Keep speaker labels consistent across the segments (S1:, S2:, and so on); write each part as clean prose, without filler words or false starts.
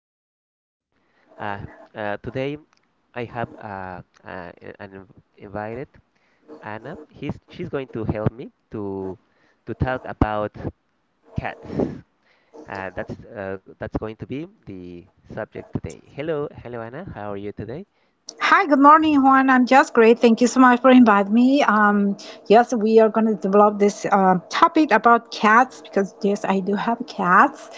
S1: podcast. Uh, today I have an invited Anna. He's she's going to help me to talk about cats. That's going to be the subject today. Hello, Anna. How are you today?
S2: Hi, good morning, Juan. I'm just great. Thank you so much for inviting me. Yes, we are going to develop this topic about cats because yes, I do have cats,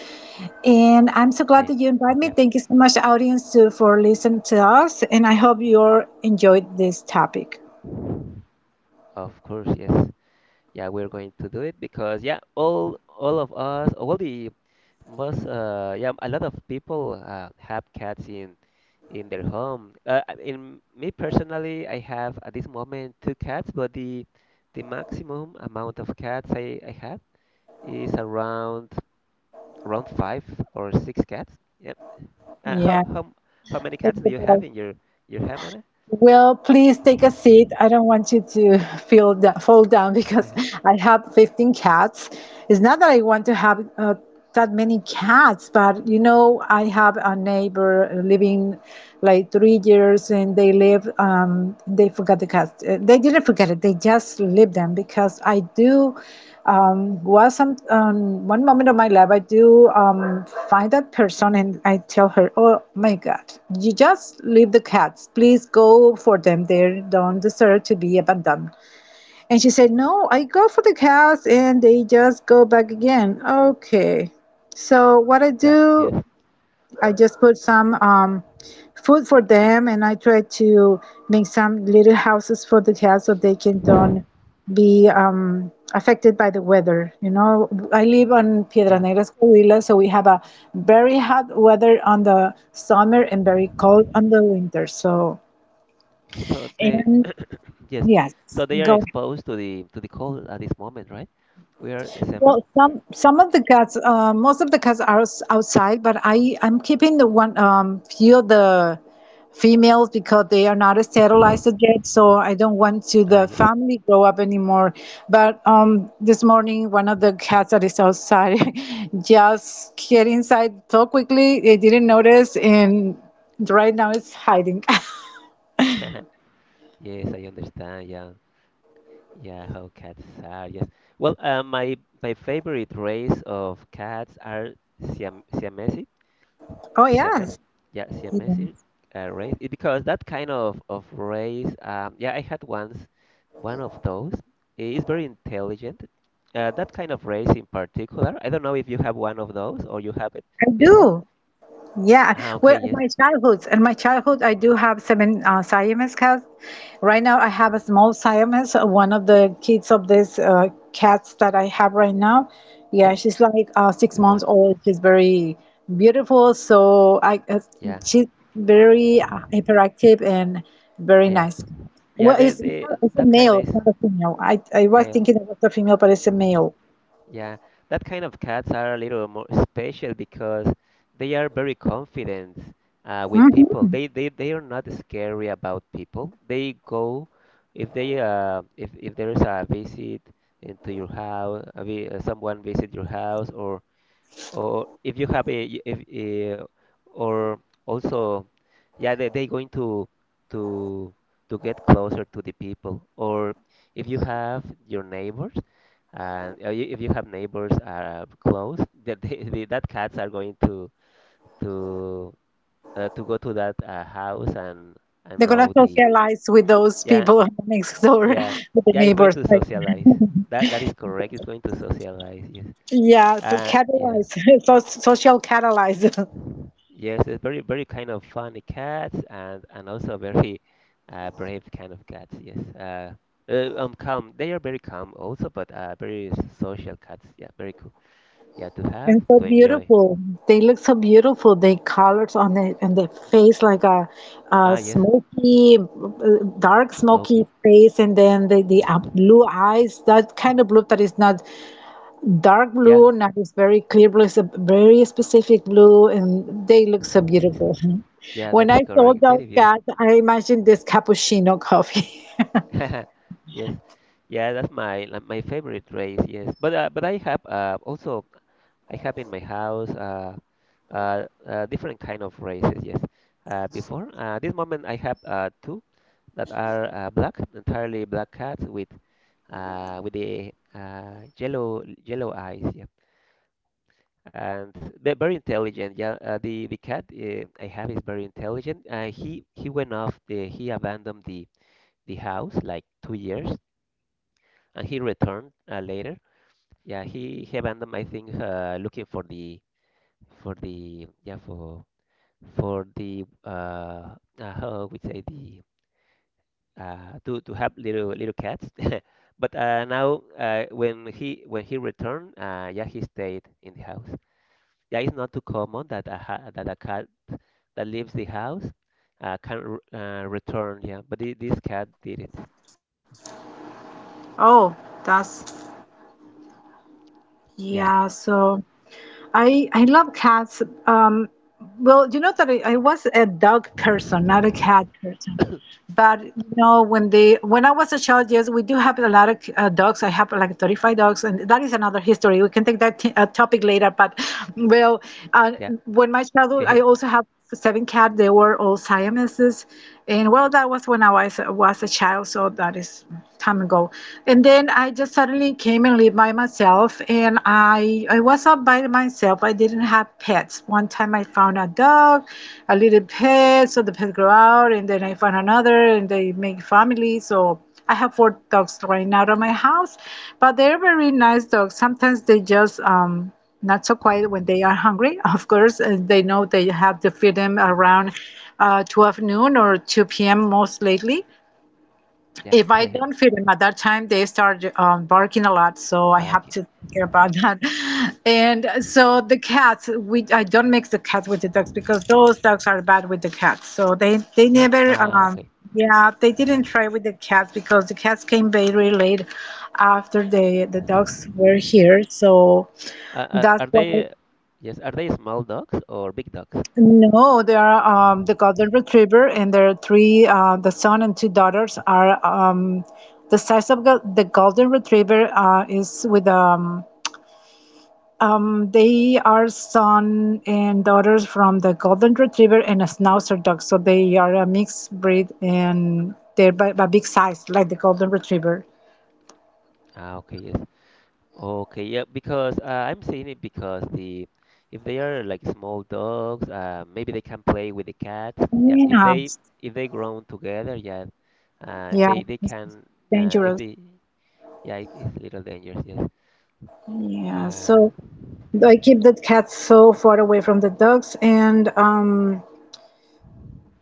S2: and I'm so glad
S1: Hey,
S2: that you invited me.
S1: yeah,
S2: Thank you so much, audience, too, for listening to us, and I hope you all enjoyed this topic.
S1: of course, yes. Yeah, we're going to do it because yeah, all of us, all the Most, yeah, a lot of people have cats in their home. In me personally, I have at this moment two cats, but the maximum amount of cats I had is around five or six cats. Yep. Uh, how
S2: Yeah.
S1: how how many
S2: Thank
S1: cats do you
S2: you.
S1: have in your home, Anna?
S2: Well, please take a seat. I don't want you to feel that, fall down because I have 15 cats. It's not that I want to have that many cats, but you know, I have a neighbor living like 3 years and they live, they forgot the cats. They didn't forget it, they just live them because I do was some one moment of my life, I do find that person and I tell her, oh my god, you just leave the cats, please go for them, they don't deserve to be abandoned. And she said, no, I go for the cats and they just go back again. Okay, so what I
S1: Yeah.
S2: do,
S1: Yes.
S2: I just put some food for them, and I try to make some little houses for the cats so they can don't be affected by the weather. You know, I live on Piedra
S1: Yeah.
S2: Negras, Coahuila, so we have a very hot weather on the summer and very cold on the winter. So,
S1: So they
S2: and
S1: yes.
S2: yes,
S1: So they are
S2: go.
S1: exposed to the cold at this moment, right? We are
S2: Well,
S1: December.
S2: some of the cats, most of the cats are outside, but I'm keeping the one few of the females because they are not sterilized yet, so I don't want to
S1: Ah,
S2: the
S1: yes.
S2: family grow up anymore. But this morning one of the cats that is outside just get inside so quickly they didn't notice, and right now it's hiding.
S1: Yes, I understand. Yeah, yeah, how cats are. Yes. Well, my favorite race of cats are Siam Siamese,
S2: Oh
S1: Siamese.
S2: yes,
S1: Yeah,
S2: yeah,
S1: Siamese race. Because that kind of race. Yeah, I had once one of those. It is very intelligent. That kind of race in particular. I don't know if you have one of those or you have it
S2: I
S1: before.
S2: do. Yeah,
S1: Ah, okay.
S2: well,
S1: Yes.
S2: my childhood, I do have seven Siamese cats. Right now, I have a small Siamese, one of the kids of this cats that I have right now.
S1: Yeah,
S2: Yeah, she's like six
S1: is one.
S2: months old. She's very beautiful, so I
S1: Yeah,
S2: she's very hyperactive and very
S1: yeah,
S2: nice.
S1: yeah.
S2: Well,
S1: The
S2: it's it's
S1: the
S2: a, it's a
S1: that kind
S2: male,
S1: is
S2: it's not a female. I was
S1: male.
S2: thinking it was a female, but it's a male.
S1: Yeah, that kind of cats are a little more special because they are very confident with
S2: Mm-hmm.
S1: people. They are not scary about people. They go if they if there is a visit into your house, someone visit your house or if you have a, if or also yeah they going to to to get closer to the people or if you have your neighbors if you have neighbors are close that cats are going to to go to that house and
S2: They're gonna
S1: know the
S2: socialize with those
S1: yeah,
S2: people next door,
S1: yeah,
S2: with the
S1: yeah it's going
S2: neighbors.
S1: to
S2: Like,
S1: socialize. That is correct, it's going to socialize, yes.
S2: yeah, so
S1: uh yeah
S2: catalyze, so social catalyze.
S1: Yes, it's very, very kind of funny cat and also very brave kind of cat. Yes, calm. They are very calm also, but very social cats. Yeah, very cool. Yeah, to have
S2: And so
S1: to enjoy.
S2: beautiful. They look so beautiful. They colors on the face like a
S1: Ah, yes,
S2: smoky, dark
S1: Smokey.
S2: smoky face, and then the blue eyes. That kind of blue that is not dark
S1: Yeah,
S2: blue, not this very clear blue. It's a very specific blue, and they look so beautiful.
S1: yeah,
S2: When
S1: that is
S2: I saw
S1: correct.
S2: those
S1: Very
S2: cats,
S1: beautiful.
S2: I imagined this cappuccino coffee.
S1: Yes, yeah, that's my like, my favorite race. Yes, but I have also I have in my house different kind of races. Yes, before this moment I have two that are black, entirely black cats with the yellow eyes. Yeah, and they're very intelligent. Yeah, the cat I have is very intelligent. He abandoned the house like 2 years and he returned later. Yeah, he abandoned. I think looking for the for the yeah for how we say the to have little cats. But now when he returned, yeah, he stayed in the house. Yeah, it's not too common that a cat that leaves the house can r return. Yeah, but this cat did it.
S2: Oh, that's,
S1: Yeah,
S2: yeah, so. I love cats. Um, well, you know that I was a dog person, not a cat person. But you know, when I was a child, yes, we do have a lot of dogs. I have like 35 dogs, and that is another history. We can take that topic later. But well, uh,
S1: yeah,
S2: when my childhood, I
S1: hehe,
S2: also have seven cats. They were all Siameses, and well, that was when I was a child, so that is time ago. And then I just suddenly came and lived by myself, and I was all by myself. I didn't have pets. One time I found a dog, a little pet, so the pet grew out, and then I found another, and they make family. So I have four dogs right now at my house, but they're very nice dogs. Sometimes they just not so quiet when they are hungry, of course, and they know they have to feed them around 12 noon or 2 p.m. most lately.
S1: yeah,
S2: If I
S1: hehe,
S2: don't feed them at that time, they start barking a lot, so I have
S1: barking.
S2: to care about that. And so the cats, we I don't mix the cats with the dogs because those dogs are bad with the cats. So they
S1: Yeah,
S2: never
S1: ah, okay.
S2: yeah, they didn't try with the cats because the cats came very late after the dogs were here. So
S1: Uh, uh,
S2: that's
S1: are
S2: why.
S1: they, yes, are they small dogs or big dogs?
S2: No, they are the golden retriever, and their three. The son and two daughters are the size of the golden retriever is with they are son and daughters from the golden retriever and a schnauzer dog. So they are a mixed breed, and they're by big size, like the golden retriever.
S1: Ah, okay, yes. Okay, yeah, because I'm saying it because the if they are like small dogs, maybe they can play with the cats. Yeah, if
S2: Yeah,
S1: they if they grown together, yeah,
S2: yeah,
S1: they
S2: it's
S1: can if
S2: dangerous.
S1: they yeah, it's a little dangerous, yes.
S2: Yeah,
S1: Uh,
S2: so I keep the cats so far away from the dogs, and.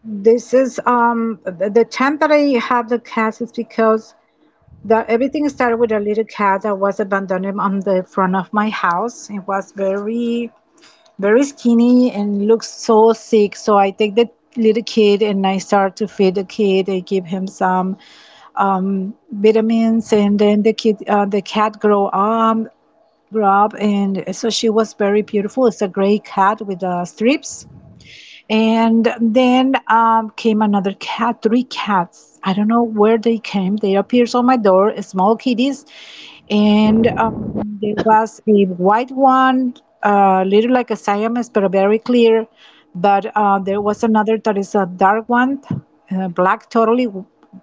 S2: This is the time that I have the cats is because the everything started with a little cat that was abandoned on the front of my house. It was very very skinny and looked so sick. So I take the little kid and I start to feed the kid. I give him some vitamins and then the cat grow up and so she was very beautiful. It's a gray cat with strips and then came another cat, three cats. I don't know where they came. They appeared on my door, small kitties. And there was a white one, little like a Siamese, but very clear. But there was another that is a dark one, black, totally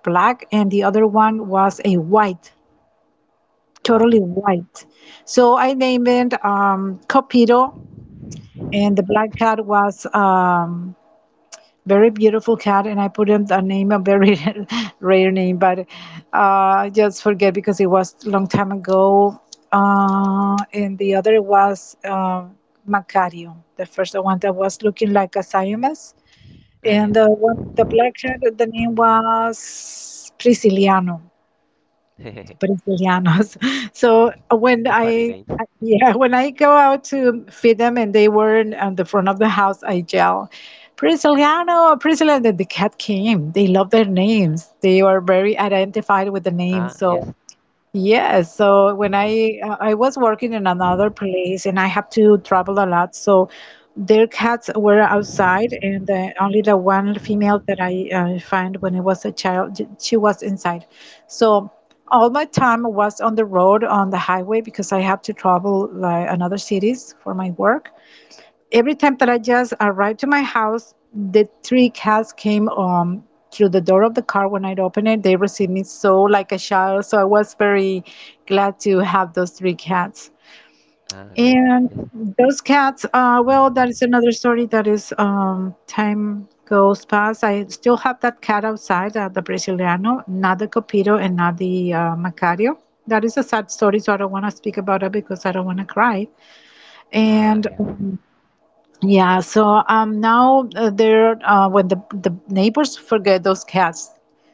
S2: black. And the other one was a white, totally
S1: okay,
S2: white. So I named it Copito. And the black cat was. Very beautiful cat and I put him a name, a very rare name, but I just forget because it was a long time ago. And the other was Macario, the first one that was looking like a Siamese,
S1: ah,
S2: and
S1: yes,
S2: the one, the black cat, the name was Prisciliano. Brazilianos. So
S1: Funny names. Mhm.
S2: yeah, when I go out to feed them and they were in, on the front of the house, I yell, Braziliano, Braziliano. Then the cat came. They love their names. They are very identified with the name.
S1: Ah,
S2: So
S1: yes,
S2: yes, so when I was working in another place and I have to travel a lot, so their cats were outside, and only the one female that I find when I was a child, she was inside. So all my time was on the road on the highway because I have to travel like another cities for my work. Every time that I just arrived to my house, the three cats came through the door of the car when I opened it. They received me so like a child. So I was very glad to have those three cats.
S1: ah, great,
S2: And
S1: yes,
S2: those cats, well, that is another story. That is time goes past. I still have that cat outside, the Brasiliano, not the Copito and not the Macario. That is a sad story, so I don't want to speak about it because I don't want to cry.
S1: ah,
S2: And
S1: yeah,
S2: yeah, so now when the neighbors forget those cats,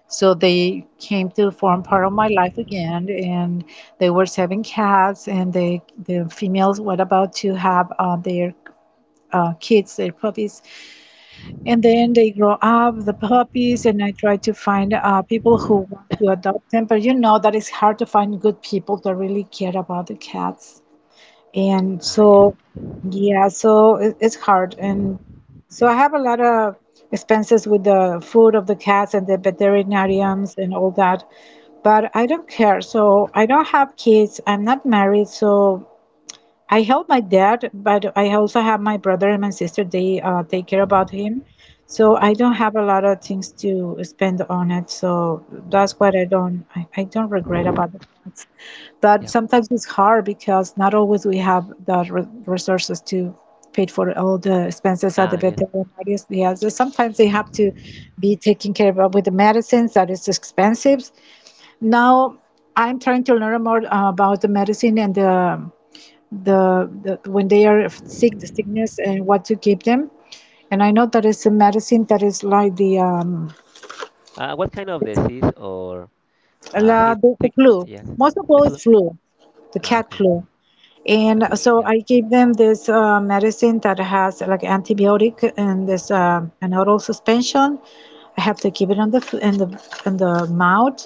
S2: so they came to form part of my life again, and they were having cats, and they, the females were about to have their kids, their puppies, and then they grow up the puppies, and I try to find people who want to adopt them, but you know that it's hard to find good people that really care about the cats. And
S1: ah, yes,
S2: so, yeah, so it, it's hard. And so I have a lot of expenses with the food of the cats and the veterinarians and all that, but I don't care. So I don't have kids. I'm not married. So I help my dad, but I also have my brother and my sister. They take care about him, so I don't have a lot of things to spend on it. So that's what I don't regret about it. But
S1: yeah,
S2: sometimes it's hard because not always we have the resources to pay for all the expenses at the
S1: ah, yes.
S2: veterinarians. Yeah, so sometimes they have to be taken care of with the medicines that is expensive. Now I'm trying to learn more about the medicine and the when they are sick, the sickness, and what to give them. And I know that it's a medicine that is like the
S1: What kind of disease or heat
S2: the
S1: thick?
S2: flu.
S1: Yes,
S2: Most of all,
S1: the
S2: is
S1: flu.
S2: flu, the
S1: Ah,
S2: cat
S1: okay.
S2: flu. And
S1: Cat flu.
S2: so
S1: Yeah,
S2: I gave them this medicine that has like antibiotic and this an oral suspension. I have to give it on the in the in the mouth,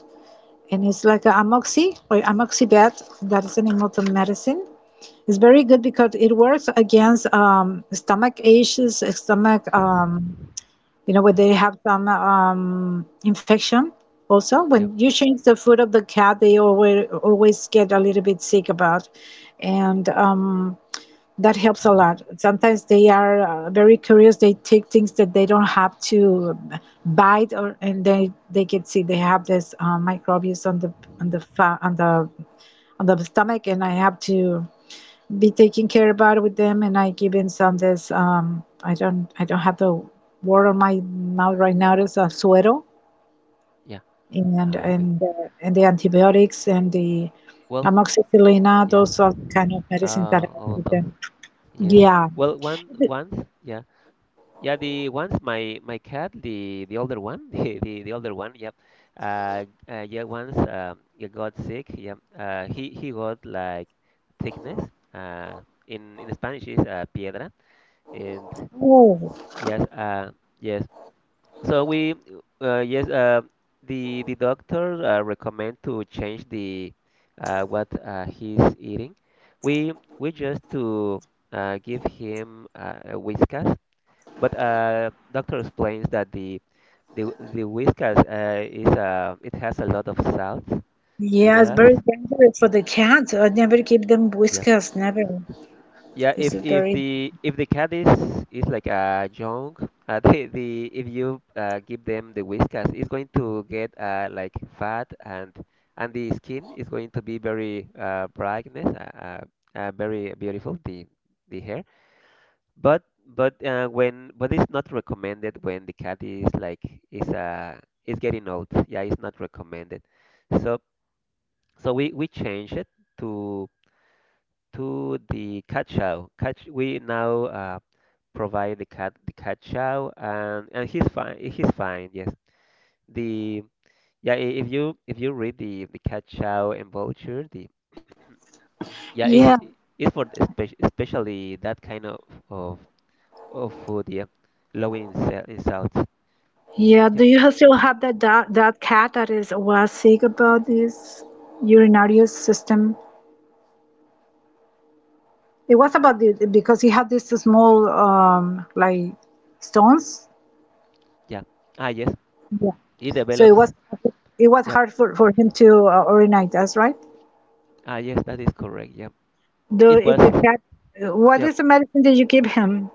S2: and it's like a amoxi or amoxibate. That is the name of the medicine. It's very good because it works against stomach issues, when
S1: yeah,
S2: they have some infection. Also,
S1: yep,
S2: when you change the food of the cat, they always always get a little bit sick about, and that helps a lot. Sometimes they are very curious. They take things that they don't have to bite, or and they get sick. They have this microbes on the fa- on the stomach, and I have to be taking care about with them and I give given some this I don't have the word on my mouth right now is a suero
S1: yeah.
S2: and
S1: Ah, okay.
S2: and the antibiotics and the
S1: Well,
S2: amoxicillin.
S1: yeah.
S2: Those are the kind of medicines that I
S1: All of
S2: give
S1: those.
S2: them,
S1: Yes.
S2: yeah.
S1: Well, one
S2: But
S1: once. Yeah, yeah. The once my cat, the older one, the older one. Yep. Yeah. Once he got sick. Yeah. He got like thickness. Uh, in Spanish is piedra. And
S2: oh
S1: yes. Yes. So we, yes, the doctor recommend to change the what he's eating. We we just to give him a Whiskas, but doctor explains that the Whiskas is it has a lot of salts,
S2: yeah, it's very
S1: minerals.
S2: dangerous for the cats. I never give them whiskers,
S1: Yeah.
S2: never. This is
S1: Yeah,
S2: very
S1: if the cat is like a young, the if you give them the whiskers, it's going to get like fat and the skin is going to be very brightness, very beautiful the hair. But it's not recommended when the cat is getting old. Yeah, it's not recommended. So we change it to to the cat chow. We now provide the cat chow, and he's fine. He's fine. Yes. The yeah, if you read the cat chow and vulture, the yeah,
S2: yeah,
S1: it's for the spe especially that kind of of food. Yeah, low in salt.
S2: yeah,
S1: Yep.
S2: do you still have that cat that is was sick about this urinary system? It was about the because he had these small like stones.
S1: Yeah. Ah, yes.
S2: Yeah.
S1: It
S2: So
S1: develops.
S2: it was
S1: Yep.
S2: hard for him to urinate. That's right.
S1: Ah, yes, that is correct. Yep.
S2: The
S1: It
S2: it- the
S1: was.
S2: cat. What
S1: Yep.
S2: is the medicine that you give him?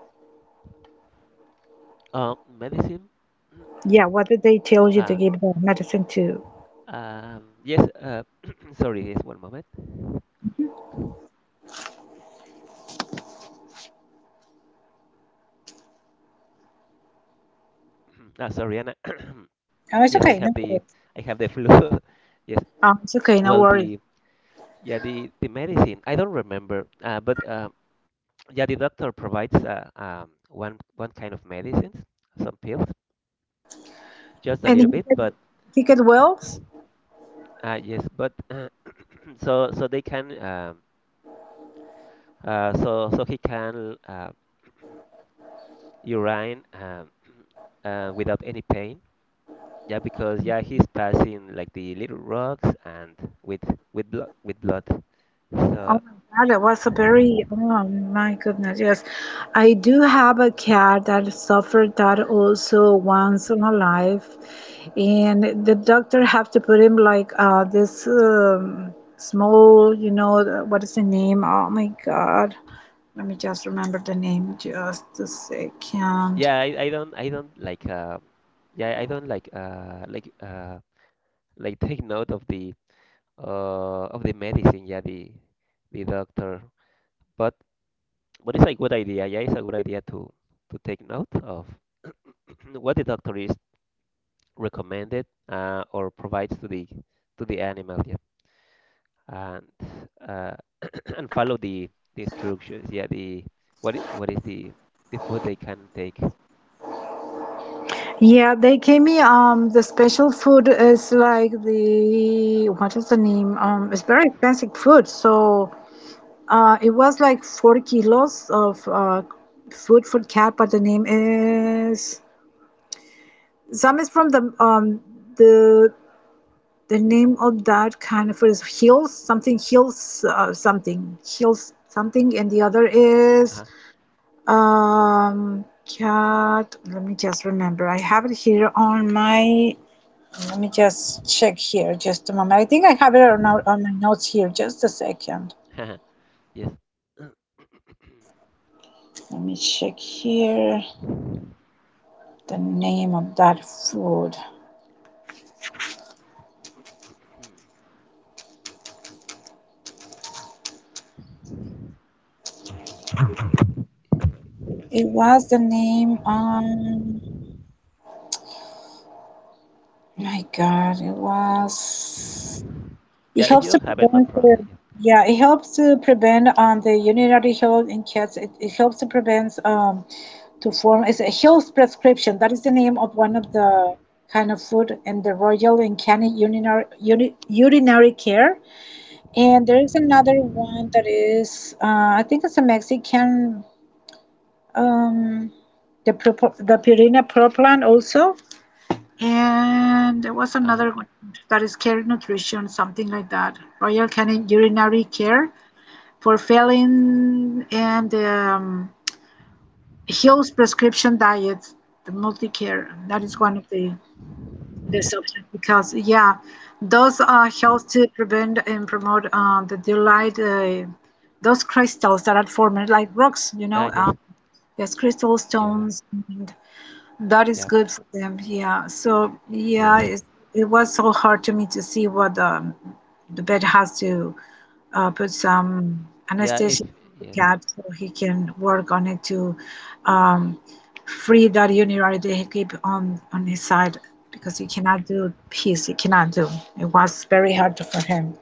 S1: Medicine.
S2: Yeah. What did they tell you to
S1: Ah.
S2: give the medicine to?
S1: Yes, sorry, yes, one moment. Ah, sorry, Anna.
S2: Oh, it's
S1: Yes,
S2: okay. No worries.
S1: I have the flu. Yes.
S2: It's okay. No
S1: Well,
S2: worries.
S1: the yeah the medicine. I don't remember. But yeah, the doctor provides one kind of medicines, some pills, just a
S2: And
S1: little bit. But
S2: he get well.
S1: yes, but so so they can so so he can urine without any pain. Yeah, because yeah he's passing like the little rocks and with blood with blood.
S2: Oh
S1: So
S2: my God, that was a very, oh my goodness, yes. I do have a cat that suffered that also once in her life, and the doctor have to put him like this small, you know, the- what is the name? Oh my God. Let me just remember the name just a second.
S1: Yeah, I don't like yeah, I don't like take note of the medicine, yeah, the doctor. But it's a good idea, yeah, it's a good idea to take note of what the doctor is recommended or provides to the animal, yeah. And uh follow the instructions, yeah, what is the food they can take.
S2: Yeah, they gave me the special food is like the what is the name? It's very expensive food, so. It was like four kilos of food for cat, but the name is some is from the the name of that kind of is hills something hills something hills something, and the other is cat. Let me just remember. I have it here on my. Let me just check here. Just a moment. I think I have it on my notes here. Just a second.
S1: Uh-huh. Yes.
S2: Let me check here. The name of that food. It was the name. My God, it was.
S1: Yeah,
S2: It
S1: if you
S2: helps to
S1: don't have it, no
S2: prevent. The,
S1: problem. Yeah.
S2: yeah, it helps to prevent the urinary health in cats. It helps to prevent to form. It's a health prescription. That is the name of one of the kind of food and the Royal and Canny urinary uni, urinary care. And there is another one that is. I think it's a Mexican um, the the Purina Pro Plan also, and there was
S1: Ah,
S2: another one
S1: w-
S2: that is Care Nutrition, something like that. Royal Canin Urinary Care for failing and Hill's prescription diets, the multi care. That is one of the options because yeah, those help to prevent and promote the delight. Those crystals that are formed like rocks, you
S1: ah,
S2: know,
S1: yes.
S2: there's crystal
S1: Yeah,
S2: stones, and. That is
S1: yeah,
S2: good for them. Yeah. So
S1: y- yes.
S2: yeah, it was so hard to me to see what the vet has to put
S1: Eh,
S2: some
S1: yeah, if
S2: anesthesia on
S1: yes.
S2: the cat so he can work on it to um, free that urinary that he keep on his side because he cannot do piss. He cannot do. It was very hard for him.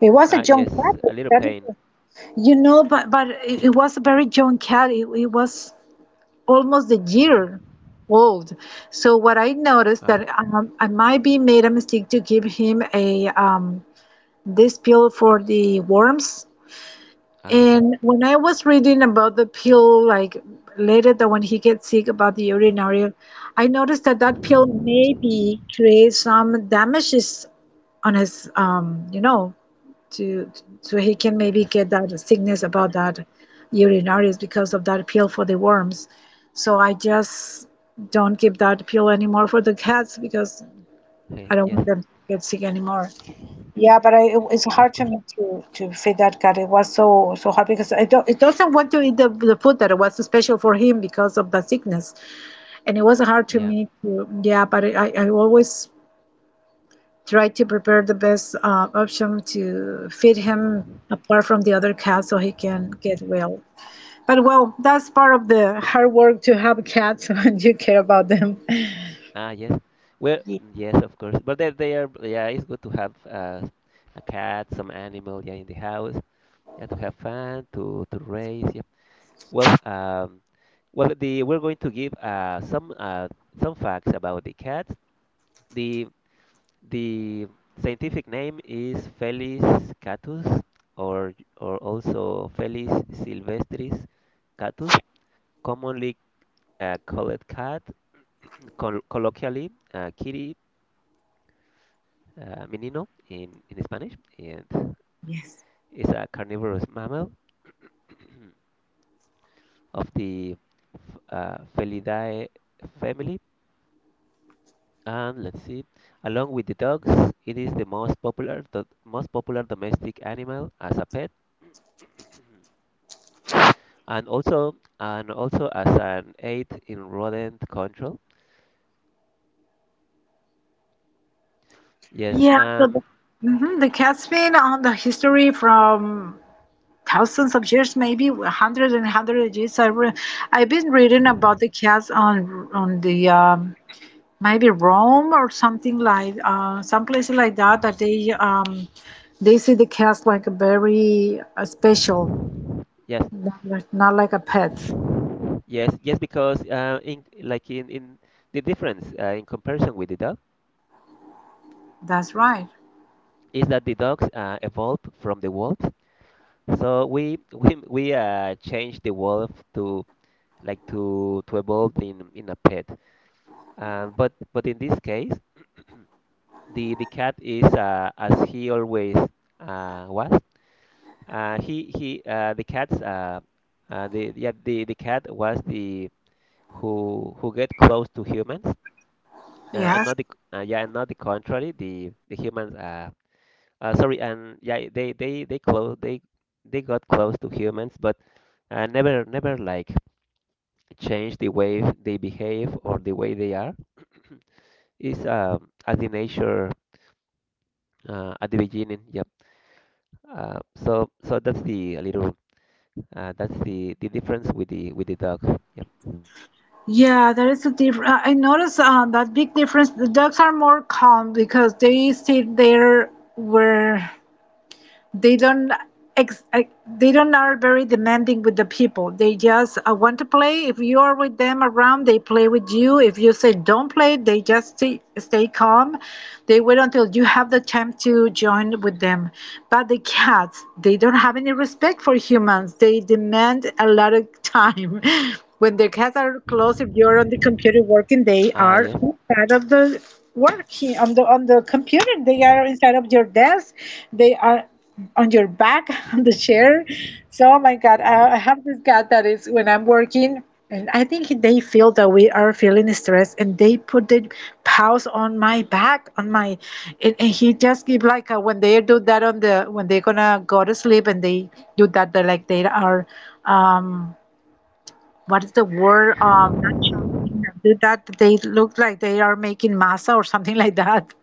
S2: It was a
S1: Ah,
S2: young
S1: yes.
S2: cat. But
S1: A little
S2: that
S1: pain.
S2: is, you know, but it was a very young cat. It was almost a year old. So what I noticed
S1: Ah,
S2: that I might be made a mistake to give him a this pill for the worms.
S1: ah, yep,
S2: And when I was reading about the pill, like later that when he gets sick about the urinary, I noticed that that pill maybe creates some damages on his, you know, to so he can maybe
S1: yep.
S2: get that sickness about that urinaries because of that pill for the worms. So I just don't give that pill anymore for the cats because
S1: Eh,
S2: I don't
S1: yes,
S2: want them to get sick anymore. Yeah, but I, it- it's hard
S1: of
S2: to
S1: course.
S2: me to feed that cat. It was so so hard because it, don't, it doesn't want to eat the food that was so special for him because of the sickness, and it was hard to
S1: Yeah.
S2: me to yeah. But I always try to prepare the best option to feed him apart from the other cats so he can get well. But well, that's part of the hard work to have cats and you care about them.
S1: Ah, yes. Well, yes, of course. But they are. Yeah, it's good to have a cat, some animal. Yeah, in the house. Yeah, to have fun, to raise. Yep. Well, well, the we're going to give some facts about the cats. The The scientific name is Felis catus, or or also Felis silvestris catus, commonly called cat, colloquially kitty, menino in Spanish, and
S2: Yes.
S1: is a carnivorous mammal of the Felidae family. And let's see, along with the dogs, it is the most popular domestic animal as a pet. and also as an aid in rodent control. Yes,
S2: Yeah, so the, mhm, the cat's been on the history from thousands of years, maybe hundreds and hundreds of years. I've been reading about the cats on the maybe Rome or something like some places like that that they see the cats like a very special,
S1: yes,
S2: not like a pet.
S1: yes, yes, because in like in the difference in comparison with the dog
S2: That's right.
S1: is that the dogs evolved from the wolves. So we changed the wolf to like to evolve in a pet. But in this case, the cat is as he always was. He the cats the yeah the cat was the who get close to humans uh, and
S2: Yes.
S1: not the yeah and not the contrary, the humans sorry and yeah they close they got close to humans but never like change the way they behave or the way they are is as the nature at the beginning. Yep. Uh, so so that's the a little that's the difference with the dog. Yep.
S2: Yeah, there is a difference. I noticed that big difference. The dogs are more calm because they stay there where they don't ex- I- they don't are very demanding with the people. They just want to play. If you are with them around, they play with you. If you say don't play, they just stay, stay calm. They wait until you have the time to join with them. But the cats, they don't have any respect for humans. They demand a lot of time. When the cats are close, if you're on the computer working, they
S1: Ah,
S2: are
S1: yes,
S2: inside of on the computer. They are inside of your desk. They are on your back on the chair. So, oh my God, I have this cat that is when I'm working, and I think they feel that we are feeling stress, and they put the paws on my back, on my, and he just give like a, when they do that on the when they're gonna go to sleep and they do that, they like they are, um, what is the word? Not chomping. Do that. They look like they are making masa or something like that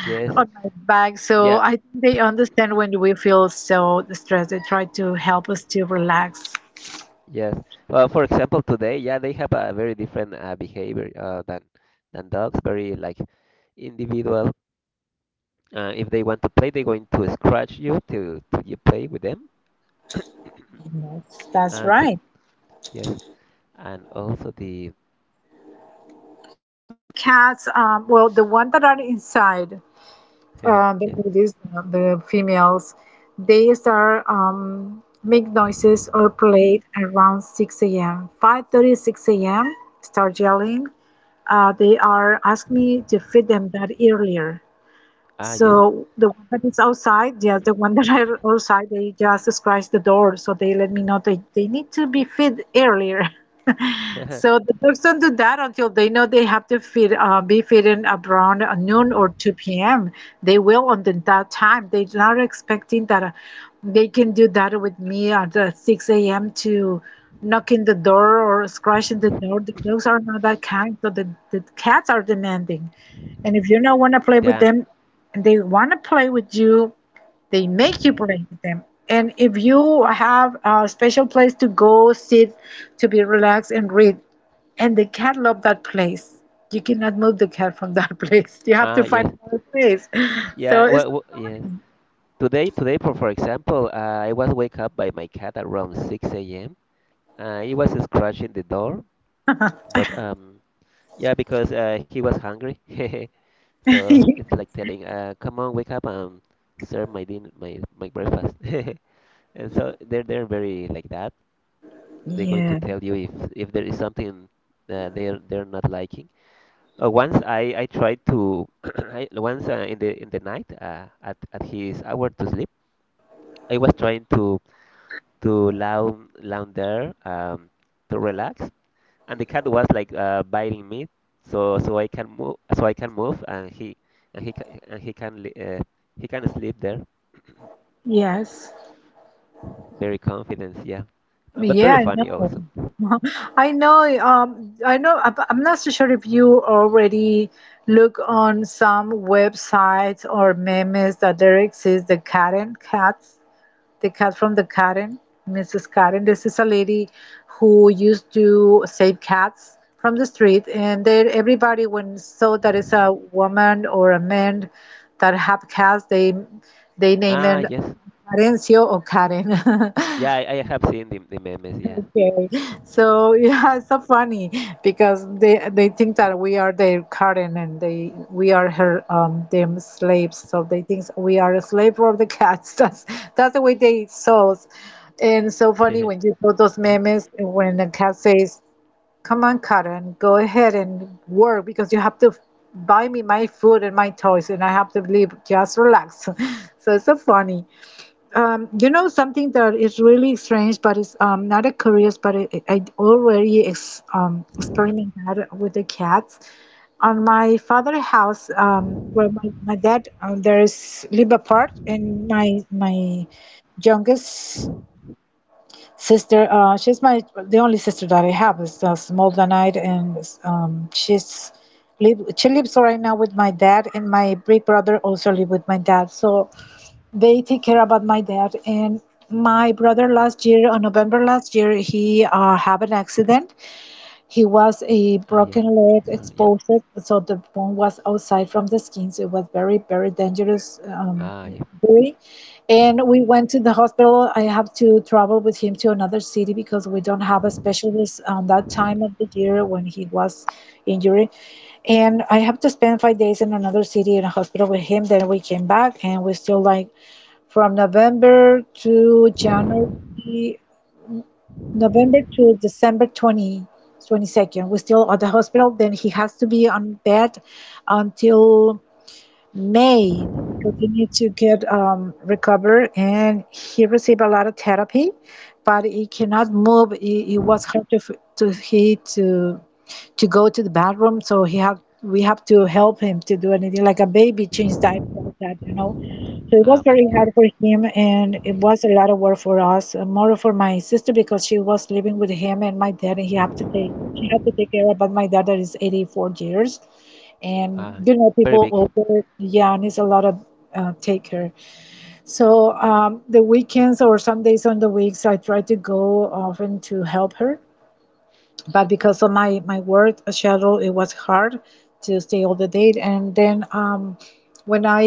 S1: yes,
S2: on my back. So
S1: yeah,
S2: I think they understand when we feel so stressed. They try to help us to relax.
S1: yes. Well, for example, today, yeah, they have a very different behavior than dogs. Very like individual. If they want to play, they're going to scratch you till you play with them. And
S2: That's right.
S1: yes, and also the
S2: Cats, well, the ones that are inside,
S1: yes,
S2: the ladies, the females, they start make noises or play around 6 a.m. 5:30, 6 a.m. Start yelling. They are asking me to feed them that earlier.
S1: ah yes,
S2: So the one that is outside, yes, the one that are outside, they just scratch the door, so they let me know they need to be fed earlier. So the dogs don't do that until they know they have to feed, be feeding around noon or 2 p.m. They will on the, that time. They're not expecting that they can do that with me at 6 a.m. to knocking the door or scratching the door. The dogs are not that kind, so the cats are demanding. And if you don't want to play with
S1: yeah,
S2: them, they want to play with you. They make you play with them. And if you have a special place to go sit to be relaxed and read, and the cat loves that place, you cannot move the cat from that place. You have to
S1: ah
S2: find
S1: yes,
S2: another place. So
S1: yeah.
S2: it's
S1: Well, w yes. Today, for example, I was wake up by my cat around 6 a.m. He was scratching the door, but. Yeah, because he was hungry. So it's like telling, come on, wake up and serve my din my my breakfast. And so they're very like that. They're going to
S2: yeah,
S1: tell you if there is something that they're not liking. Once I tried to I, once in the night at his hour to sleep, I was trying to to lounge there to relax, and the cat was like biting me, so I can move, so I can move, and he ca- and he can li- he can sleep there.
S2: yes,
S1: Very confident, yeah. But
S2: yeah,
S1: very
S2: I
S1: funny
S2: know.
S1: also.
S2: I know, I know I'm not so sure if you already look on some websites or memes that there exists the cat and cats. The cat from the Karen, Mrs. Karen. This is a lady who used to save cats from the street, and then everybody when saw that it's a woman or a man that have cats, they name
S1: Ah,
S2: it
S1: yes,
S2: Karencio or Karen.
S1: yeah, I have seen the memes, yeah.
S2: Okay. So yeah, it's so funny because they think that we are their carden and they we are her them slaves. So they think we are a slave for the cats. That's the way they souls. And so funny when you put those memes when a cat says, "Come on, carden, go ahead and work because you have to buy me my food and my toys and I have to leave. Just relax." So it's so funny. You know something that is really strange, but it's not a curious, but it, I already ex experimented with the cats. On my father's house, where my dad, there is live apart, and my youngest sister, she's my the only sister that I have is small than I, and she's live she lives right now with my dad, and my big brother also live with my dad. So they take care about my dad. And my brother last year on November, last year he had an accident. He was a
S1: Ah, yeah,
S2: broken leg
S1: sorry, yep.
S2: exposed, so the bone was outside from the skin, so it was very very dangerous
S1: Ah, yeah.
S2: injury. And we went to the hospital. I have to travel with him to another city because we don't have a specialist on that time of the year when he was injured, and I have to spend 5 days in another city in a hospital with him. Then we came back, and we still like from November to January, November to December 20, 22nd. We're still at the hospital. Then he has to be on bed until May, continued to get recover, and he received a lot of therapy, but he cannot move. It was hard to he to to go to the bathroom, so he have we have to help him to do anything, like a baby, change diaper, like that, you know. So it
S1: Ah,
S2: was
S1: okay,
S2: very
S1: yes.
S2: hard for him, and it was a lot of work for us, more for my sister because she was living with him and my dad, and he had to take she had to take care about my dad that is 84 years, and
S1: Ah,
S2: you know,
S1: very
S2: people
S1: big.
S2: order, yeah, and a lot of taker. So the weekends or some days on the weeks, I try to go often to help her, but because of my work schedule, it was hard to stay all the day. And then when I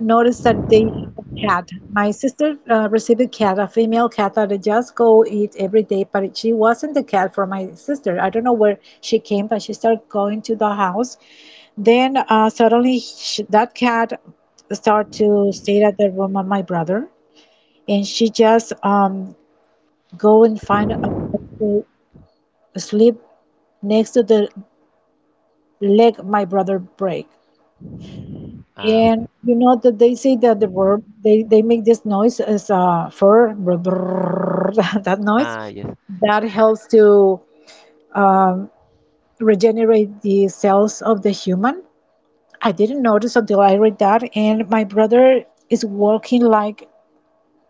S2: noticed that they have a cat, my sister received a cat, a female cat that I just go eat every day, but she wasn't the cat for my sister. I don't know where she came, but she started going to the house. Then suddenly sh that cat start to stay at the room of my brother, and she just go and find a place to sleep next to the leg my brother break.
S1: Ah,
S2: And
S1: okay.
S2: you know that they say that the word, they make this noise as a fur, brr, brr, that noise
S1: Ah, yes.
S2: that helps to um, regenerate the cells of the human. I didn't notice until I read that, and my brother is walking like,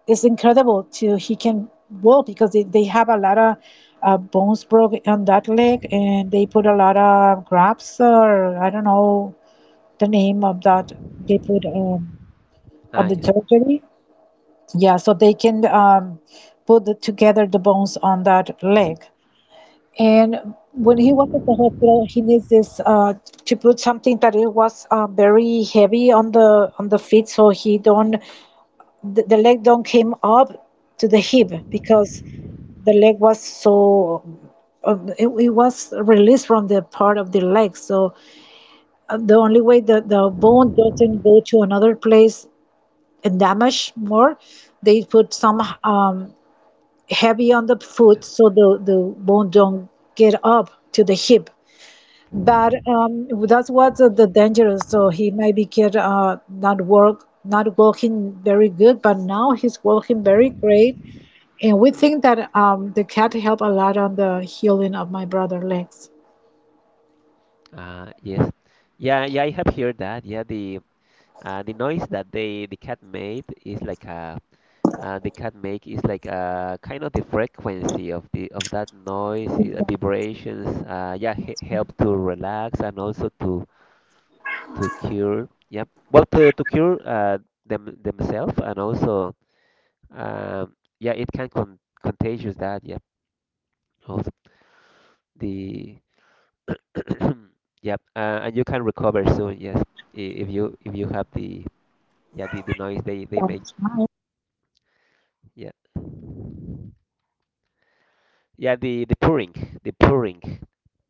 S2: it's incredible to he can walk, because they have a lot of bones broke on that leg, and they put a lot of grabs, or I don't know the name of that, they put on
S1: Ah,
S2: the
S1: yes.
S2: surgery. Yeah, so they can put together the bones on that leg. And when he was at the hospital, he needs this to put something that it was very heavy on the feet, so he don't, the leg don't came up to the hip, because the leg was so it was released from the part of the leg. So the only way that the bone doesn't go to another place and damage more, they put some heavy on the foot, so the bone don't get up to the hip. But that's what the danger is. So he maybe get not working very good, but now he's working very great. And we think that the cat helped a lot on the healing of my brother legs.
S1: Ah, yes. Yeah, yeah, I have heard that. Yeah, the noise that the cat made is like a they can make is like kind of the frequency of the of that noise, vibrations. Yeah, he help to relax and also to cure. Yeah, well, to cure them themselves and also um, yeah, it can contagious that. Yeah, also the yep, and you can recover soon. Yes, i- if you have the yeah the noise they
S2: Um,
S1: make. Yeah. Yeah, the pouring, the pouring,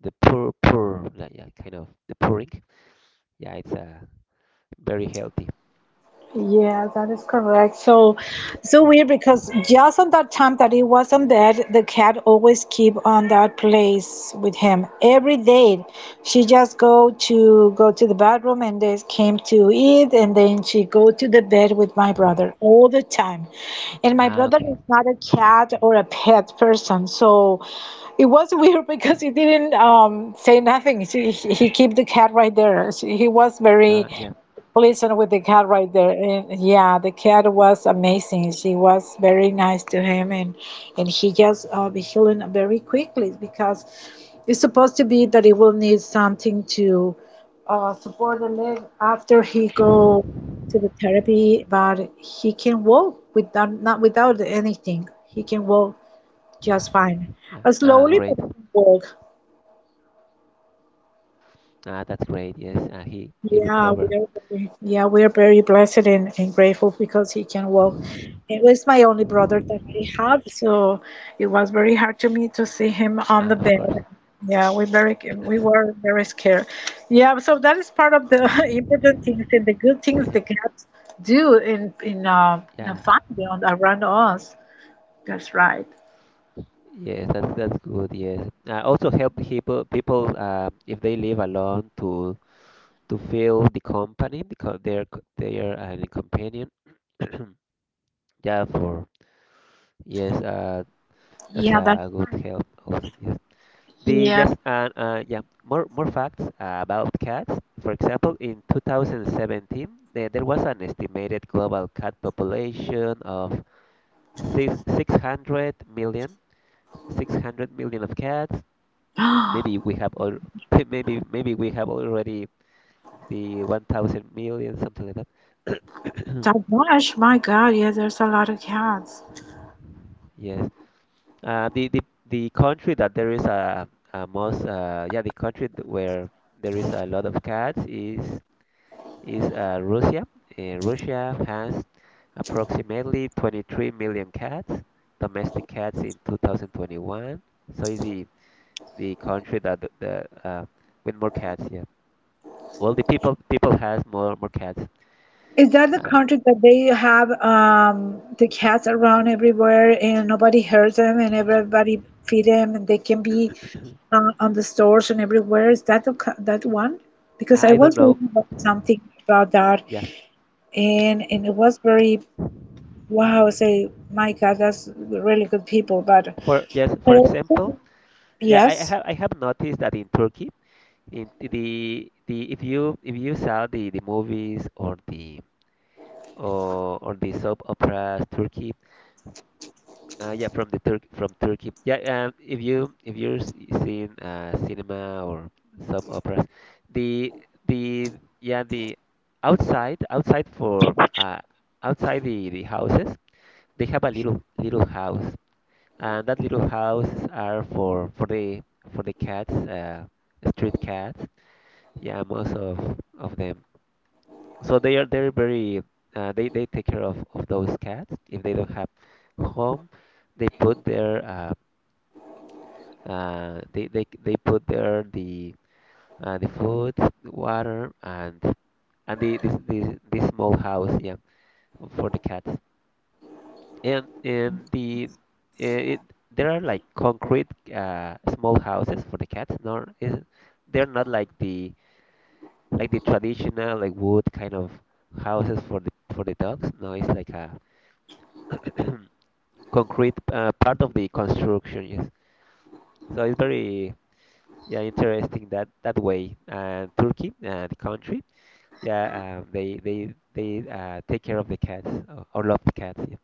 S1: the pour, yeah, yeah, kind of the pouring. Yeah, it's very healthy.
S2: Yeah, that is correct. So, so weird, because just on that time that he was on bed, the cat always keep on that place with him every day. She just go to go to the bathroom and then came to eat, and then she go to the bed with my brother all the time. And my
S1: Ah,
S2: brother
S1: okay.
S2: is not a cat or a pet person, so it was weird because he didn't say nothing. He keep the cat right there. He was
S1: Ah,
S2: very
S1: yeah,
S2: pleasant with the cat right there. And yeah, the cat was amazing. She was very nice to him, and he just be healing very quickly, because it's supposed to be that he will need something to support the leg after he go to the therapy, but he can walk without, not without anything. He can walk just fine,
S1: yeah. Ah,
S2: slowly,
S1: great.
S2: but he can walk.
S1: Ah, that's great. Yes. Ah, he
S2: Yeah,
S1: recovered.
S2: yeah, we are very blessed and grateful because he can walk. It was my only brother that I have, so it was very hard to me to see him on the
S1: Ah, of
S2: bed.
S1: course.
S2: Yeah, we were very scared. Yeah, so that is part of the important things and the good things the cats do in a
S1: Yeah.
S2: family on, around us. That's right.
S1: Yes, that's good. Yes. Also help people if they live alone to feel the company because they're the companion. Yeah, for yes. That's
S2: Yeah, that's
S1: a good
S2: right.
S1: help also. Yes. The
S2: Yeah.
S1: Yes, and yeah, more facts about cats. For example, in 2017, there was an estimated global cat population of six 600 million, 600 million of cats. Maybe we have all maybe we have already the 1,000 million, something like that.
S2: That much, my God. Yeah, there's a lot of cats.
S1: Yes. The the country that there is a most yeah, the where there is a lot of cats is Russia. Russia has approximately 23 million cats, domestic cats in 2021. So it's the country that the, uh, with more cats. Yeah. Well, the people has more cats.
S2: Is that the
S1: Uh,
S2: country that they have the cats around everywhere and nobody hurts them and everybody feed them and they can be on the stores and everywhere? Is that the, co- that one? Because I
S1: I don't
S2: was
S1: know.
S2: reading about something about that,
S1: Yeah.
S2: and it was very wow. I say, my God, that's really good people. But
S1: For yes,
S2: I
S1: for
S2: also,
S1: example, yeah,
S2: yes.
S1: I have noticed that in Turkey, in the if you saw the movies or the soap operas Turkey. Yeah, from the Turk from Turkey. Yeah, if you if you're s- seeing cinema or sub operas, the the yeah the outside for outside the houses they have a little house and that little house are for the for the cats street cats yeah most of them so they're very they take care of those cats if they don't have home they put their they put there the food, the water, and the this small house, yeah, for the cats. And the eh, it, there are like concrete small houses for the cats. Nor is they're not like the like the traditional like wood kind of houses for the dogs. No, it's like a concrete part of the construction. Yes, so it's very yeah interesting that that way. Turkey, the country. Yeah, they take care of the cats or love the cats. Yeah.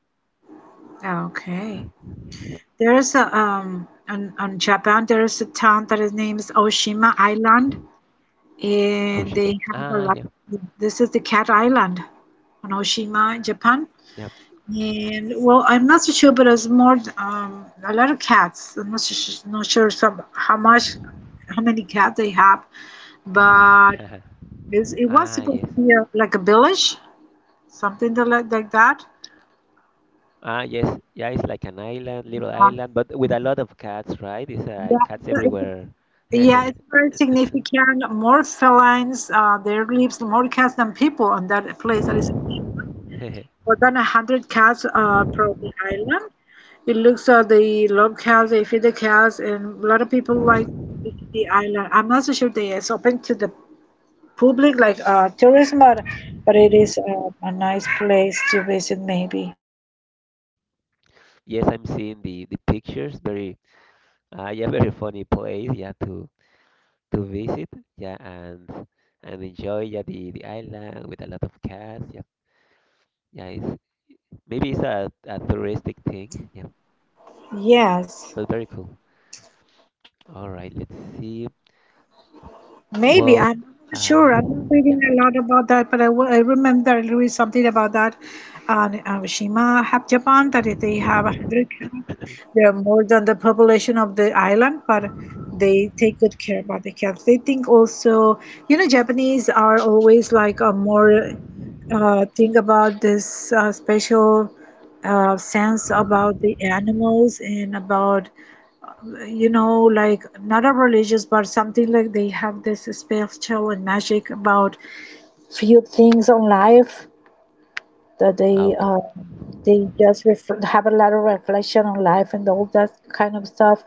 S2: Okay. There's a on Japan there's a town that is named Oshima Island, and they
S1: Oshima.
S2: have a
S1: Ah,
S2: lot.
S1: yeah,
S2: This is the Cat Island on Oshima, Japan.
S1: yeah.
S2: And well, I'm not so sure, but it's more a lot of cats. I'm not su- not sure some, how much, how many cats they have, but it's, it was
S1: Ah,
S2: supposed
S1: yes.
S2: to be a, like a village, something to like that.
S1: Ah, yes. Yeah, it's like an island, little
S2: Um,
S1: island, but with a lot of cats, right? It's
S2: Yeah,
S1: cats
S2: it's a-
S1: everywhere.
S2: yeah, it's very significant. More felines. There lives more cats than people on that place. That is. More than 100 cows per the island. It looks at the love cows, they feed the cows, and a lot of people like to visit the island. I'm not so sure they is open to the public like tourism, but it is a nice place to visit, maybe.
S1: Yes, I'm seeing the pictures. Very, yeah, very funny place. Yeah, to visit. Yeah, and enjoy. Yeah, the island with a lot of cats. Yeah, yeah. It's maybe it's a touristic thing. Yeah,
S2: Yes.
S1: but very cool. All right, let's see.
S2: Maybe
S1: Well,
S2: I'm not so sure.
S1: uh,
S2: I'm not reading
S1: yeah.
S2: a lot about that, but I remember I read something about that. Shima have Japan that if they have a hundred cats. They are more than the population of the island, but they take good care about the cats. They think also, you know, Japanese are always like a more think about this special sense about the animals and about, you know, like not a religious, but something like they have this spiritual and magic about few things on life that
S1: Oh,
S2: they just ref- have a lot of reflection on life and all that kind of stuff.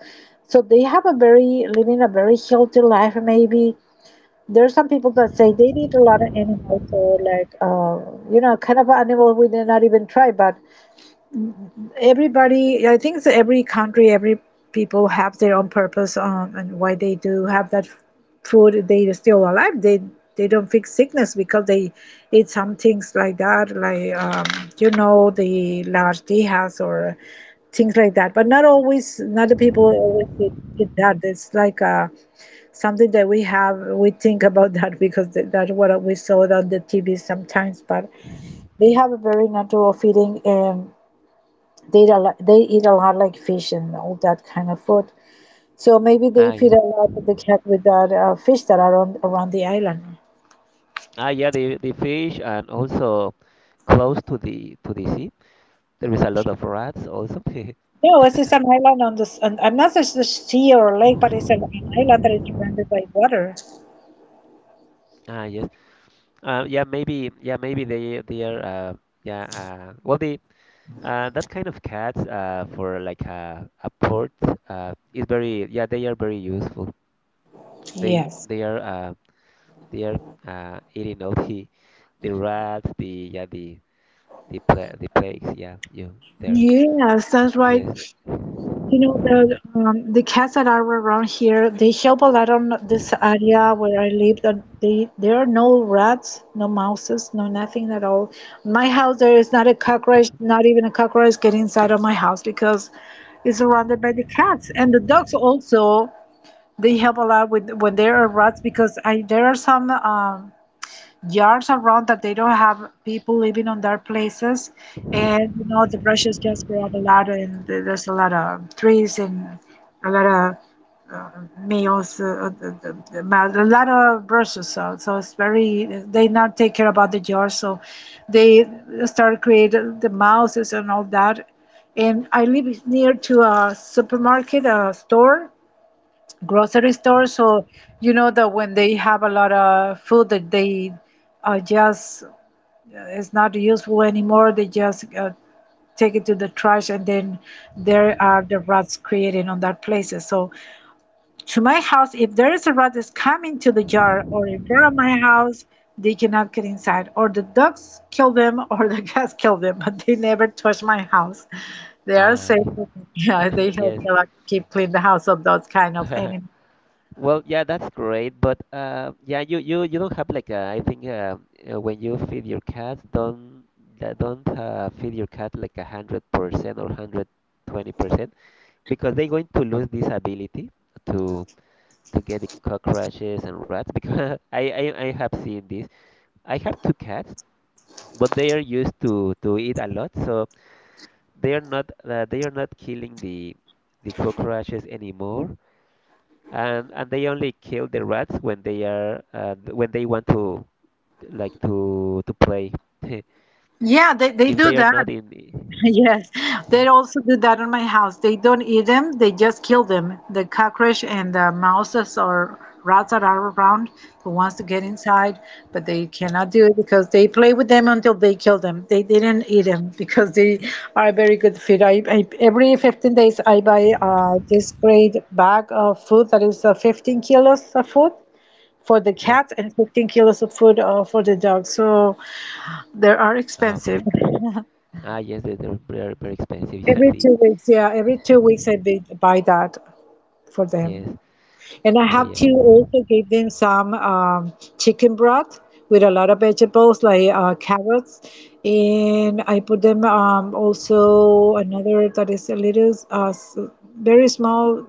S2: So they have a very living a very healthy life. Maybe there are some people that say they eat a lot of animals, or like you know, kind of animals we did not even try, but everybody I think it's every country, every people have their own purpose and why they do have that food. They are still alive, they don't fix sickness because they eat some things like that, like you know, the large or things like that, but not always, not the people always get that. It's like something that we think about that because th- that's what we saw on the TV sometimes. But they have a very natural feeling. They eat a lot like fish and all that kind of food. So maybe they
S1: ah,
S2: feed
S1: yeah.
S2: a lot of the cat with that fish that are on, around the island.
S1: Ah, yeah. The fish and also close to the sea. There is a lot of rats also.
S2: No, it's just an island on the. S- On, I'm not just the sea or a lake, but it's an island that is surrounded by water.
S1: Ah, yes. Yeah, maybe. Yeah, maybe they are. Yeah. Well, the that kind of cats for like a port is very. Yeah, they are very useful.
S2: Yes.
S1: They are they are eating all the rats. The yeah the pla the plagues yeah you there
S2: Yes, that's
S1: yes
S2: right. You know, the cats that are around here, they help a lot on this area where I live. That they there are no rats, no mouses, no nothing at all. My house there is not a cockroach, not even a cockroach get inside of my house, because it's surrounded by the cats and the dogs also. They help a lot with when there are rats, because I there are some yards around that they don't have people living on their places, and you know the bushes just grow up a lot, and th- there's a lot of trees and a lot of uh, males the male- a lot of bushes. So it's very they not take care about the yards, so they start creating the mouses and all that. And I live near to a supermarket, a store, grocery
S1: yeah
S2: stores or You know that when they have a lot of food that they just it's not useful anymore, they just take it to the trash. And then there are the rats creating on that places. So to my house, if there is a rat that's coming to the jar or if they're at my house, they cannot get inside, or the dogs kill them or the cats kill them, but they never touch my house. They are
S1: ah
S2: safe. Yeah, they help
S1: yes
S2: me like keep clean the house of those kind of animals.
S1: well yeah that's great but yeah you you don't have like a, I think when you feed your cats don't feed your cat like 100% or 120% because they're going to lose this ability to to get the cockroaches and rats. Because I have seen this I have two cats but they are used to eat a lot so they are not killing the cockroaches anymore and they only kill the rats when they are when they want to like to play.
S2: Yeah, they
S1: if
S2: do
S1: they are
S2: that.
S1: not in the-
S2: Yes, they
S1: yeah
S2: also do that in my house. They don't eat them, they just kill them. The cockroach and the mouses or rats that are around who wants to get inside, but they
S1: yeah
S2: cannot do it because they play with them until they kill them. They didn't eat them because they are very good feed. I every 15 days I buy this great bag of food that is 15 kilos of food for the
S1: yeah
S2: cat and 15 kilos of food for the dog. So they are
S1: ah,
S2: expensive.
S1: okay ah yes they're very very expensive yeah
S2: Every
S1: the
S2: 2 weeks, yeah, every 2 weeks I buy that for them.
S1: yes
S2: And I
S1: oh
S2: have
S1: yes
S2: to also give them some chicken broth with a lot of vegetables like carrots. And I put them also another that is a little very small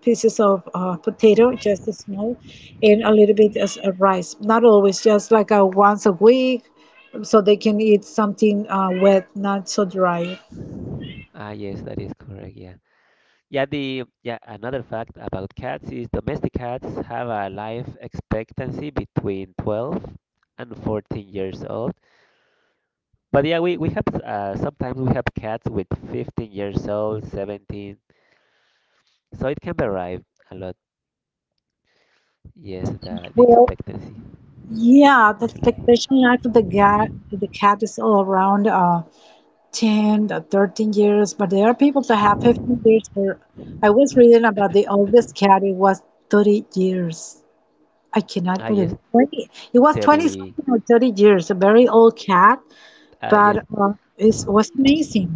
S2: pieces of potato, just a small, and a little bit as a rice. Not always, just like a once a week, so they can eat something wet, not so dry.
S1: ah yes that is correct yeah yeah the yeah another fact about cats is domestic cats have a life expectancy between 12 and 14 years old. But yeah, we have sometimes we have cats with 15 years old, 17, so it can vary a lot. Yes, the
S2: Well,
S1: expectancy
S2: Yeah, the
S1: of life.
S2: expectation life of the cat is all around 10, 13 years, but there are people that have 15 years. Or I was reading about the oldest cat, it was 30 years. I cannot
S1: Ah
S2: believe
S1: yes,
S2: it. 20, it was 20
S1: 30.
S2: something or 30 years, a very old cat,
S1: Ah yes,
S2: but it was amazing.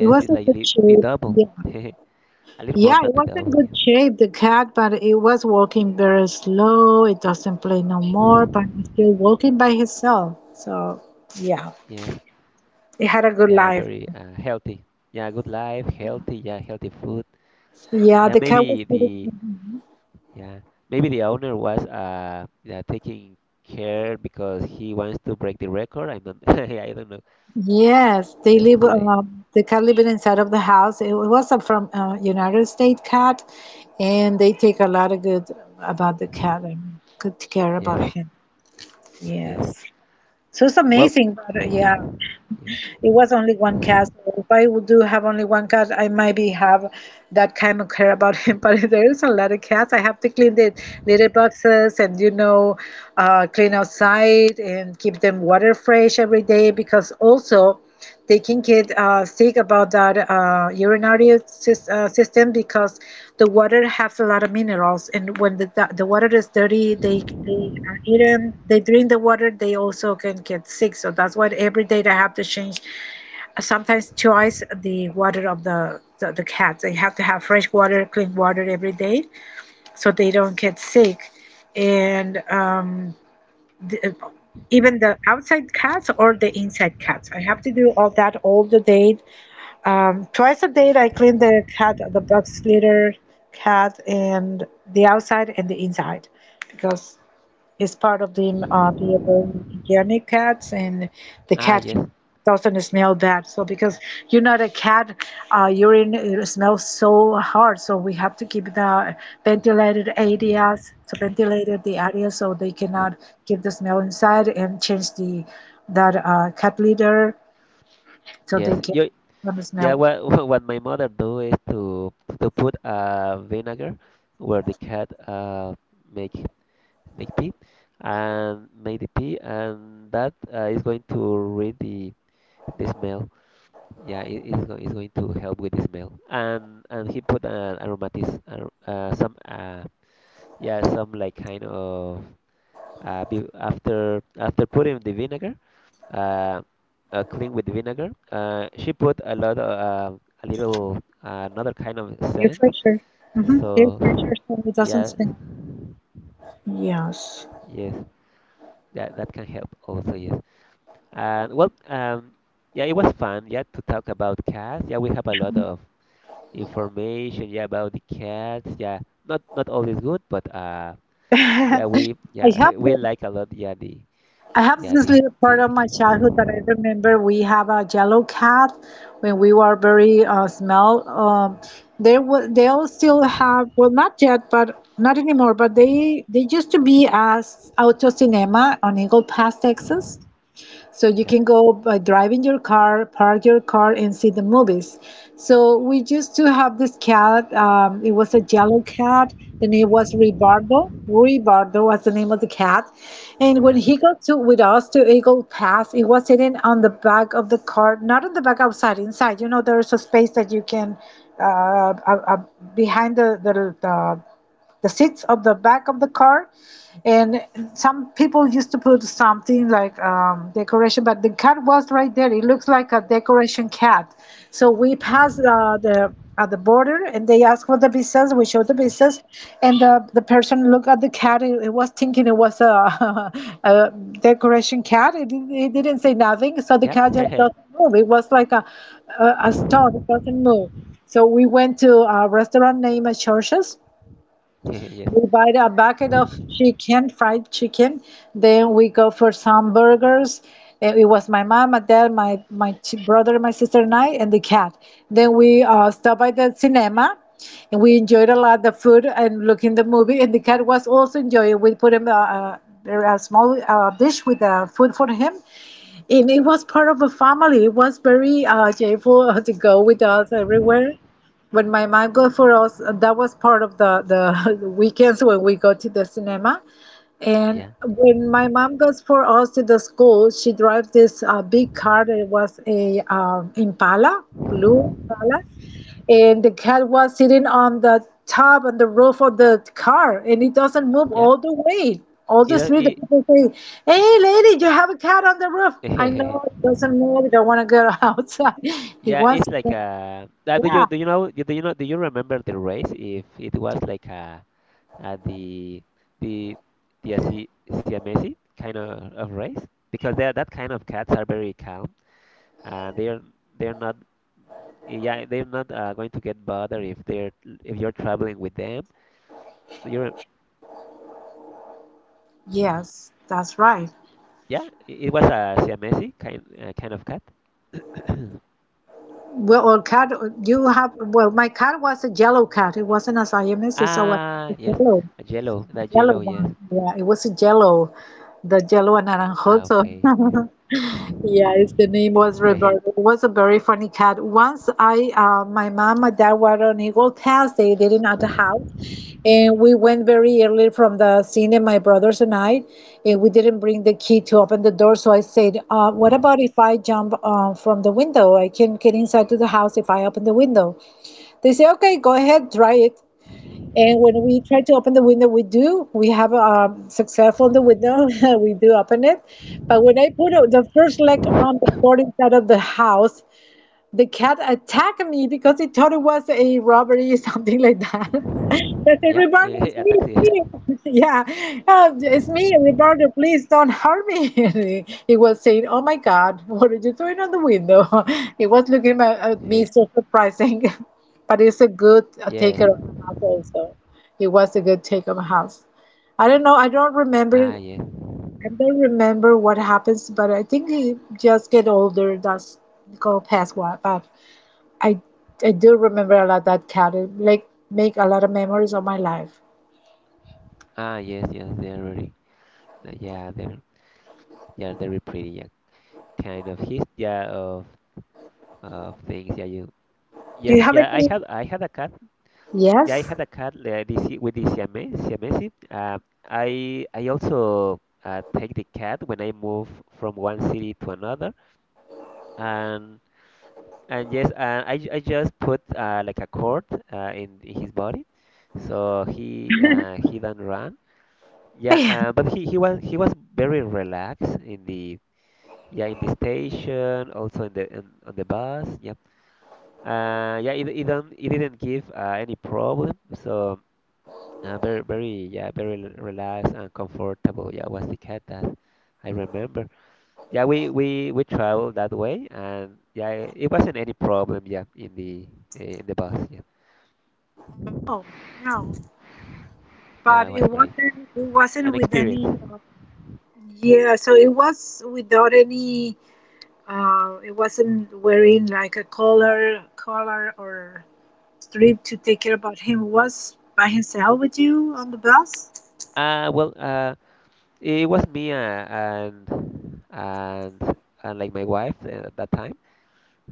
S2: It was
S1: it's
S2: a
S1: like
S2: good
S1: the
S2: shape.
S1: double,
S2: Yeah.
S1: a little more
S2: Yeah,
S1: than
S2: it
S1: the
S2: was in
S1: double.
S2: good
S1: Yeah.
S2: shape, the cat, but it was walking very slow. It doesn't play no more, but it's still walking by itself. So, yeah,
S1: Yes,
S2: it had a good
S1: yeah,
S2: life.
S1: very healthy. Yeah, good life, healthy. Yeah, healthy food.
S2: Yeah,
S1: Yeah,
S2: the cat was
S1: maybe
S2: living.
S1: the yeah maybe the owner was yeah, taking care because he wants to break the record. I don't I don't.
S2: Yes, they
S1: Just
S2: live.
S1: to say it.
S2: The cat living inside of the house. It was a from United States cat, and they take a lot of good about the cat and good care about
S1: Yes,
S2: him.
S1: yes.
S2: Yes, so it's
S1: Well,
S2: amazing. But yeah.
S1: yeah.
S2: It was only one cat. So if I would do have only one cat, I maybe have that kind of care about him. But if there is a lot of cats. I have to clean the litter boxes and you know, clean outside and keep them water fresh every day because also they can get sick about that urinary system because the water has a lot of minerals and when the water is dirty they are eaten they drink the water they also can get sick, so that's why every day they have to change sometimes choice the water of the cat. They have to have fresh water, clean water every day, so they don't get sick. And the, even the outside cats or the inside cats, I have to do all that all the day. Twice a day, I clean the cat, the box litter cat, and the outside and the inside, because is part of the organic cats, and the
S1: Ah,
S2: cat
S1: yes,
S2: can, doesn't smell that. So because you know the cat urine it smells so hard, so we have to keep the ventilated areas, so ventilated the area so they cannot give the smell inside, and change the that cat litter so they
S1: yes.
S2: can
S1: You,
S2: not
S1: yeah.
S2: smell.
S1: What what my mother do is to put vinegar where the cat make make pee and make the pee, and that is going to rid the smell. Yeah, it is going it's going to help with the smell. And he put an aromatis ar some like kind of be after after putting the vinegar. uh, clean with vinegar. She put a lot of a little another kind of
S2: Air
S1: scent.
S2: fresher. Mm-hmm. Air
S1: So
S2: fresher so it doesn't
S1: yeah,
S2: smell. Yes.
S1: yes, that can help also. Yes. And well, yeah, it was fun. Yeah, to talk about cats. Yeah, we have a lot of information. Yeah, about the cats. Yeah, not always good, but yeah, we
S2: I have
S1: yeah we
S2: them
S1: like a lot.
S2: I have
S1: Yeah
S2: this little part of
S1: the
S2: my
S1: cat.
S2: childhood that I remember. We have a yellow cat when we were very small. They will, they all still have well, not yet, but not anymore. But they used to be as auto cinema on Eagle Pass, Texas, so you
S1: Yep.
S2: can go by driving your car, park your car, and see the movies. So we used to have this cat. It was a yellow cat. The name was Ribardo. Ribardo was the name of the cat. And when
S1: Uh,
S2: he got to with us to Eagle Pass, he was sitting on the back of the car, not on the back outside, inside. You know, there is a space that you can uh, uh, uh, behind the seats of the back of the car and some people used to put something like decoration, but the cat was right there, it looks like a decoration cat. So we passed the at the border and they asked for the visas, we showed the
S1: yeah.
S2: visas and the person looked at the cat, it was thinking it was a, a decoration cat. It didn't say nothing, so the
S1: Yeah.
S2: cat just doesn't move, it was like a stone, it doesn't move. So we went to a restaurant named Churches,
S1: Yes.
S2: we buy a bucket of chicken, fried chicken. Then we go for some burgers. And it was my mom, my dad, my brother, my sister, and I, and the cat. Then we stopped by the cinema, and we enjoyed a lot the food and looking the movie. And the cat was also enjoying. We put him a small dish with food for him, and it was part of a family. It was very joyful to go with us everywhere. But my mom go for us. That was part of weekends when we go to the cinema. And
S1: Yeah.
S2: when my mom goes for us to the school, she drives this big car that was a Impala, blue Impala, and the cat was sitting on the top and the roof of the car, and it doesn't move
S1: Yeah.
S2: all the way. All
S1: It,
S2: the
S1: al-
S2: street, the
S1: it
S2: people say, "Hey, lady, you have a cat on the roof." I know it doesn't move. I don't want to go outside. He
S1: yeah, it's
S2: wants to
S1: like
S2: go.
S1: a. Do you
S2: Yeah.
S1: know do you remember the race? If it was like a, uh the the the Siamese kind of race, because they are, that kind of cats are very calm. Uh, they're they're not yeah they're not going to get bothered if they're if you're traveling with them. Do you rem-
S2: Yes, that's right.
S1: yeah, it was a Siamese kind of cat.
S2: Well, or cat, you have, well, my cat was a yellow cat. It wasn't a Siamese, so it was a
S1: Ah yes,
S2: yellow,
S1: yellow that
S2: yellow
S1: yellow
S2: one.
S1: yes.
S2: Yeah, it was a yellow, the yellow
S1: Ah
S2: and
S1: okay.
S2: naranjoso. Yes, the
S1: Yes.
S2: name was Roberto. It was a very funny cat. Once I, my mom and dad were on Eagle Pass. They didn't at the house, and we went very early from the cinema. My brothers and I, and we didn't bring the key to open the door. So I said, "What about if I jump from the window? I can get inside to the house if I open the window." They say, "Okay, go ahead, try it." And when we try to open the window, we do. We have successful in the window. We do open it. But when I put the first leg on the floor inside of the house, the cat attacked me because it thought it was a robbery, something like that. I said,
S1: Yeah,
S2: Roberto,
S1: eh,
S2: it's
S1: hey, a
S2: me,
S1: taxi.
S2: it's me. Yeah, it's me, Roberto, please don't hurt me. And he was saying, Oh my God, what are you doing on the window? He was looking at me
S1: Eh,
S2: so surprising, but it's a good
S1: yeah.
S2: taker of the house also. He was a good taker of the house. I don't know,
S1: Ah, yeah.
S2: I don't remember what happens, but I think he just get older, that's called past what, but I I do remember a lot that counted, like make a lot of memories of my life.
S1: Ah, yes, yes. They're very, yeah, they're, yeah, they're very pretty. Yeah, kind of his, yeah, of things. Yeah, you.
S2: Do
S1: Yes,
S2: you have
S1: yeah.
S2: any?
S1: I had a cat. Yeah, I
S2: Yes.
S1: had a cat with the Siamese. I also take the cat when I move from one city to another, and and yes, I just put like a cord in his body. So he done run. Yeah,
S2: I
S1: but he was very relaxed in the yeah in the station, also in the on the bus. Yeah. Yeah, it don't it didn't give any problem. So very very yeah very relaxed and comfortable. Yeah, was the cat that I remember. Yeah, we we traveled that way, and yeah, it wasn't any problem. Yeah, in the bus. Yeah,
S2: No, no.
S1: yeah, it
S2: But
S1: was
S2: it
S1: great.
S2: wasn't. It wasn't
S1: An
S2: with
S1: experience.
S2: any. Yeah. So it was without any. It wasn't wearing like a collar, collar or strip to take care about him. It was by himself with you on the bus.
S1: Uh, well, uh, It was me, and like my wife at that time.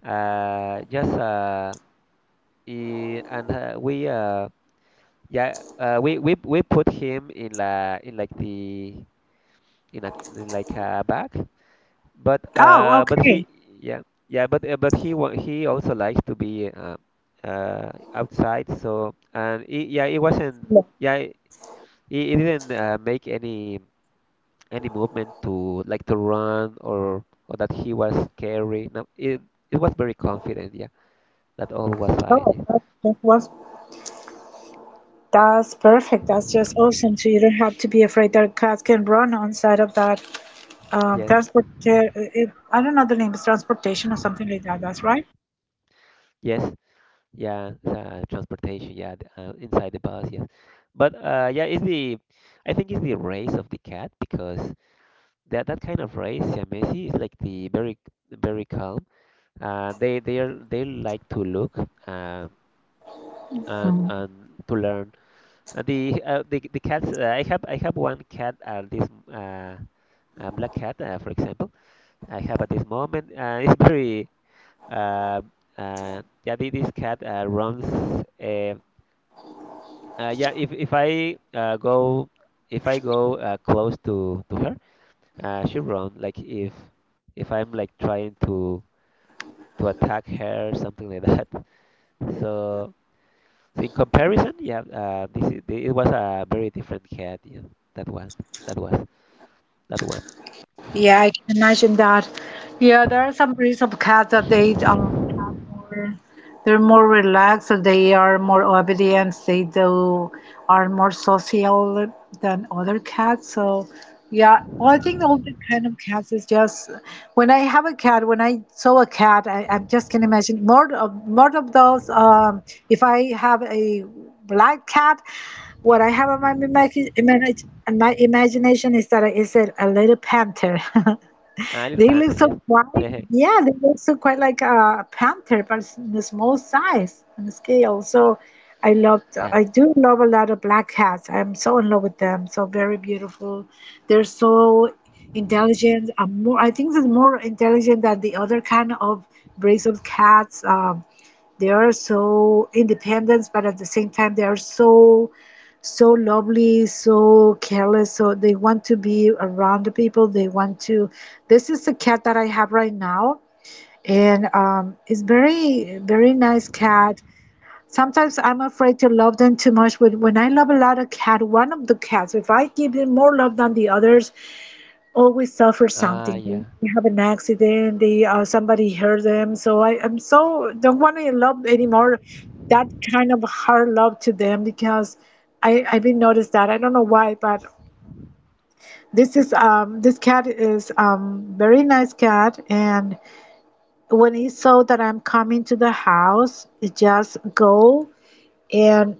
S1: Just I- and we yeah We put him in like in like a bag,
S2: Oh,
S1: but
S2: okay.
S1: he yeah yeah but he also likes to be outside. So and yeah, it wasn't
S2: No,
S1: yeah it didn't make any. Any movement to like to run, or that he was scary. No, it was very confident. Yeah, that all was
S2: no,
S1: fine.
S2: that was That's perfect. That's just awesome. So you don't have to be afraid that cats can run on side of that
S1: Yeah.
S2: transport. It, I don't know the name. It's transportation or something like that. That's right.
S1: Yes, yes, yeah. Transportation. Yeah, inside the bus. Yes, but yeah, it's the I think it's the race of the cat, because that kind of race, Siamese, is like the very very calm. They like to look um and to learn. The cats. I have one cat at this, uh black cat, for example, I have at this moment. It's uh, yeah, this cat runs. Uh, yeah, if I if I go close to her, she run. Like if I'm like trying to attack her, something like that. So, so in comparison, yeah, this is, it was a very different cat. Yeah, that one, that was that one.
S2: Yeah, I can imagine that. Yeah, there are some breeds of cats that they have more, they're more relaxed, so they are more obedient, they do are more social than other cats. So yeah, well, I think all the kind of cats is just when I have a cat, when I saw a cat, I just can imagine more of those. If I have a black cat. What I have on my on my imagination is that it's a little panther.
S1: A little
S2: They look so
S1: panther,
S2: quite.
S1: yes.
S2: Yeah, they look so quite like a panther, but it's in a small size and scale. So I loved.
S1: Yeah.
S2: I do love a lot of black cats. I'm so in love with them. So very beautiful. They're so intelligent. I think they're more intelligent than the other kind of breeds of cats. They are so independent, but at the same time, they are so so lovely, so careless. So they want to be around the people. They want to. This is the cat that I have right now, and it's very, very nice cat. Sometimes I'm afraid to love them too much, but when I love a lot of cat, one of the cats, if I give them more love than the others, always suffer
S1: Ah,
S2: something.
S1: yeah.
S2: They have an accident, they somebody hurt them. So I'm so don't want to love anymore that kind of hard love to them because I've been noticed that I don't know why, but this is this cat is very nice cat, and when he saw that I'm coming to the house, it just go and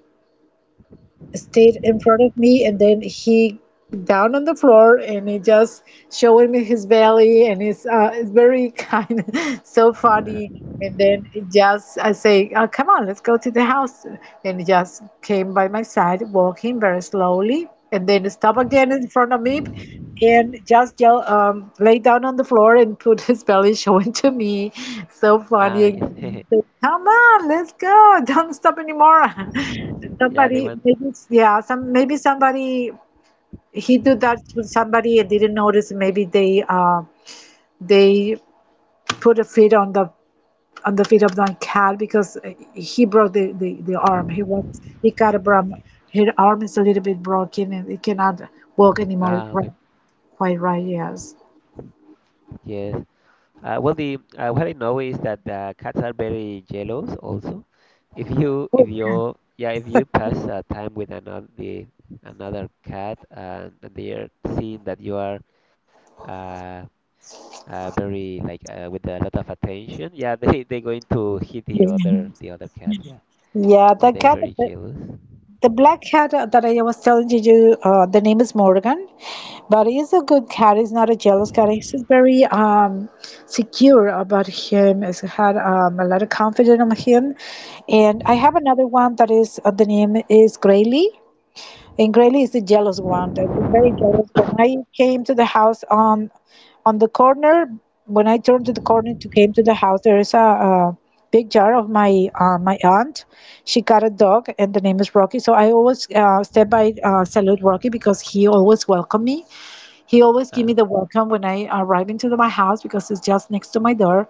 S2: stayed in front of me, and then he down on the floor and he just showing me his belly, and it's very kind, so funny. And then it just I say, oh, come on, let's go to the house. And he just came by my side walking very slowly, and then stop again in front of me and just yell, lay down on the floor and put his belly showing to me. So funny.
S1: Ah,
S2: Again.
S1: yes.
S2: He said, "Come on, let's go." Don't stop anymore.
S1: Yeah, they
S2: Somebody,
S1: went.
S2: maybe, yeah, some maybe somebody he did that to somebody and didn't notice. Maybe they put a feet on the feet of the cat because he broke the arm. He was he got a brum. His arm is a little bit broken and he cannot walk anymore.
S1: Ah,
S2: Right,
S1: okay.
S2: quite right. Yes.
S1: Yes. Well, the What I know is that the cats are very jealous also. If you if
S2: Oh yeah.
S1: you yeah if you pass time with another cat, and they are seeing that you are uh, very like with a lot of attention. Yeah, they going to hit
S2: Yeah,
S1: the other cat. Yeah,
S2: Yeah,
S1: yeah,
S2: the
S1: they're
S2: cat,
S1: very jealous.
S2: the black cat
S1: Mhm.
S2: that I was telling you, the name is Morgan, but he's a good cat. He's not a jealous cat. He's just very secure about him. He's had a lot of confidence on him, and I have another one that is the name is Grayley. And Grayling is a jealous one. They're very jealous. When I came to the house on the corner, when I turned to the corner to came to the house, there is a big jar of my my aunt. She got a dog, and the name is Rocky. So I always step by salute Rocky because he always welcome me. He always give me
S1: Ah,
S2: the welcome when I arrive into the, my house because it's just next to my door.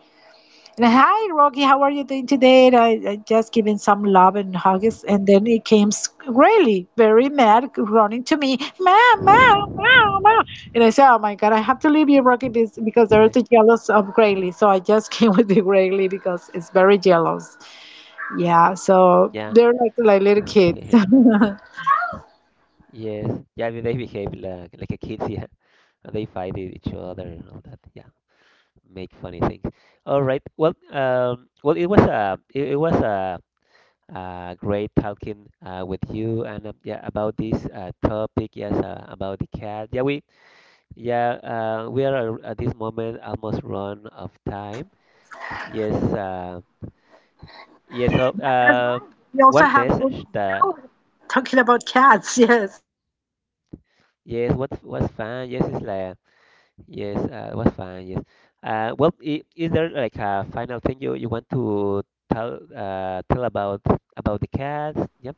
S2: Hi, Rocky. How are you doing today? And I just giving some love and hugs, and then it came really very mad, running to me, ma, ma, ma, ma. And I said, "Oh my God, I have to leave you, Rocky, because they're too jealous of Grayley." So I just came with the Grayley because it's very jealous. Yeah, so
S1: yeah,
S2: they're like little kids.
S1: yeah.
S2: That's
S1: Yes, yeah, they behave like a kids. Yeah. And they fight each other and all that. Yeah, make funny things. All right. It was it was a great talking with you and yeah, about this topic. Yes, about the cat. We are at this moment almost run of time. Yes. Yes. So
S2: right. We also
S1: one
S2: have almost
S1: message
S2: an
S1: that
S2: hour talking about cats. Yes.
S1: yes, what was fun. Yes, it's like yes, it was fun. Yes. I is there like a final thing you want to tell tell about the cats? Yep.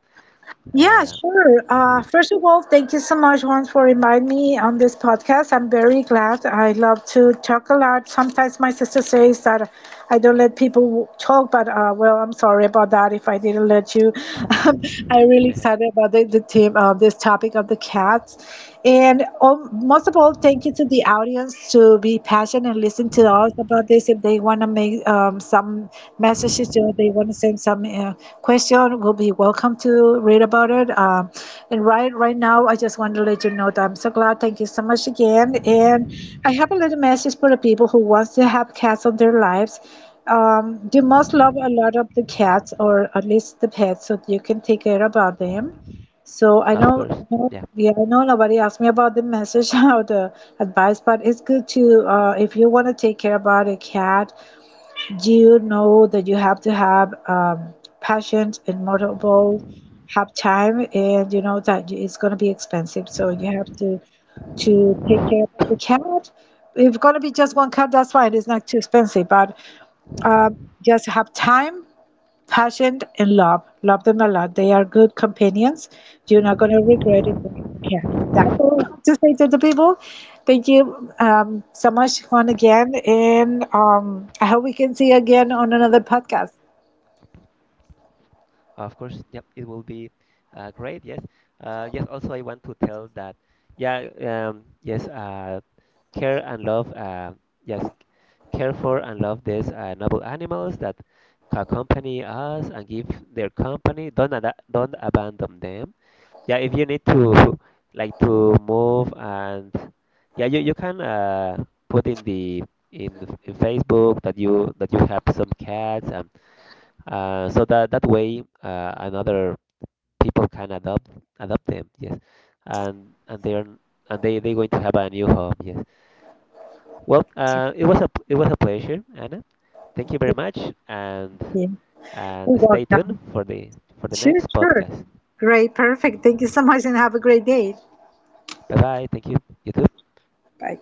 S2: Yeah,
S1: Uh,
S2: sure. First of all, thank you so much, Juan, for inviting me on this podcast. I'm very glad. I love to talk a lot. Sometimes my sister says that I don't let people talk, but well, I'm sorry about that if I didn't let you. I'm really excited about the team, this topic of the cats. And most of all, thank you to the audience to be passionate and listen to us about this. If they want to make some messages, or they want to send some question, we'll be welcome to read about it. And right now, I just want to let you know that I'm so glad. Thank you so much again. And I have a little message for the people who wants to have cats on their lives. You must love a lot of the cats, or at least the pets, so you can take care about them. So
S1: of course.
S2: I know,
S1: Yeah.
S2: yeah, I know nobody asked me about the message, how the advice, but it's good to, if you want to take care about a cat, you know that you have to have patience and multiple, have time, and you know that you- it's going to be expensive. So you have to take care of the cat. If it's going to be just one cat, that's fine. It's not too expensive, but um, just have time. Patient and love, love them a lot. They are good companions. You're not going to regret it when you can. That's all I have to say to the people. Thank you so much once again, and I hope we can see you again on another podcast.
S1: Of course. Yep. It will be great. Yes. Yes. Also, I want to tell that. Yeah. Yes. Care and love. Yes. Care for and love these noble animals that accompany us and give their company. Don't abandon them, yeah, if you need to like to move. And yeah, you can put in the in in Facebook that you have some cats, so that that way another people can adopt them, yes. And they are and they're going to have a new home, yes. Well,
S2: Sure.
S1: it was it was a pleasure, Anna. Thank you very much, and
S2: You're
S1: and stay tuned
S2: welcome.
S1: for the
S2: Sure,
S1: next
S2: sure.
S1: podcast.
S2: Great, perfect. Thank you so much, and have a great day.
S1: Bye bye, thank you, you too.
S2: Bye.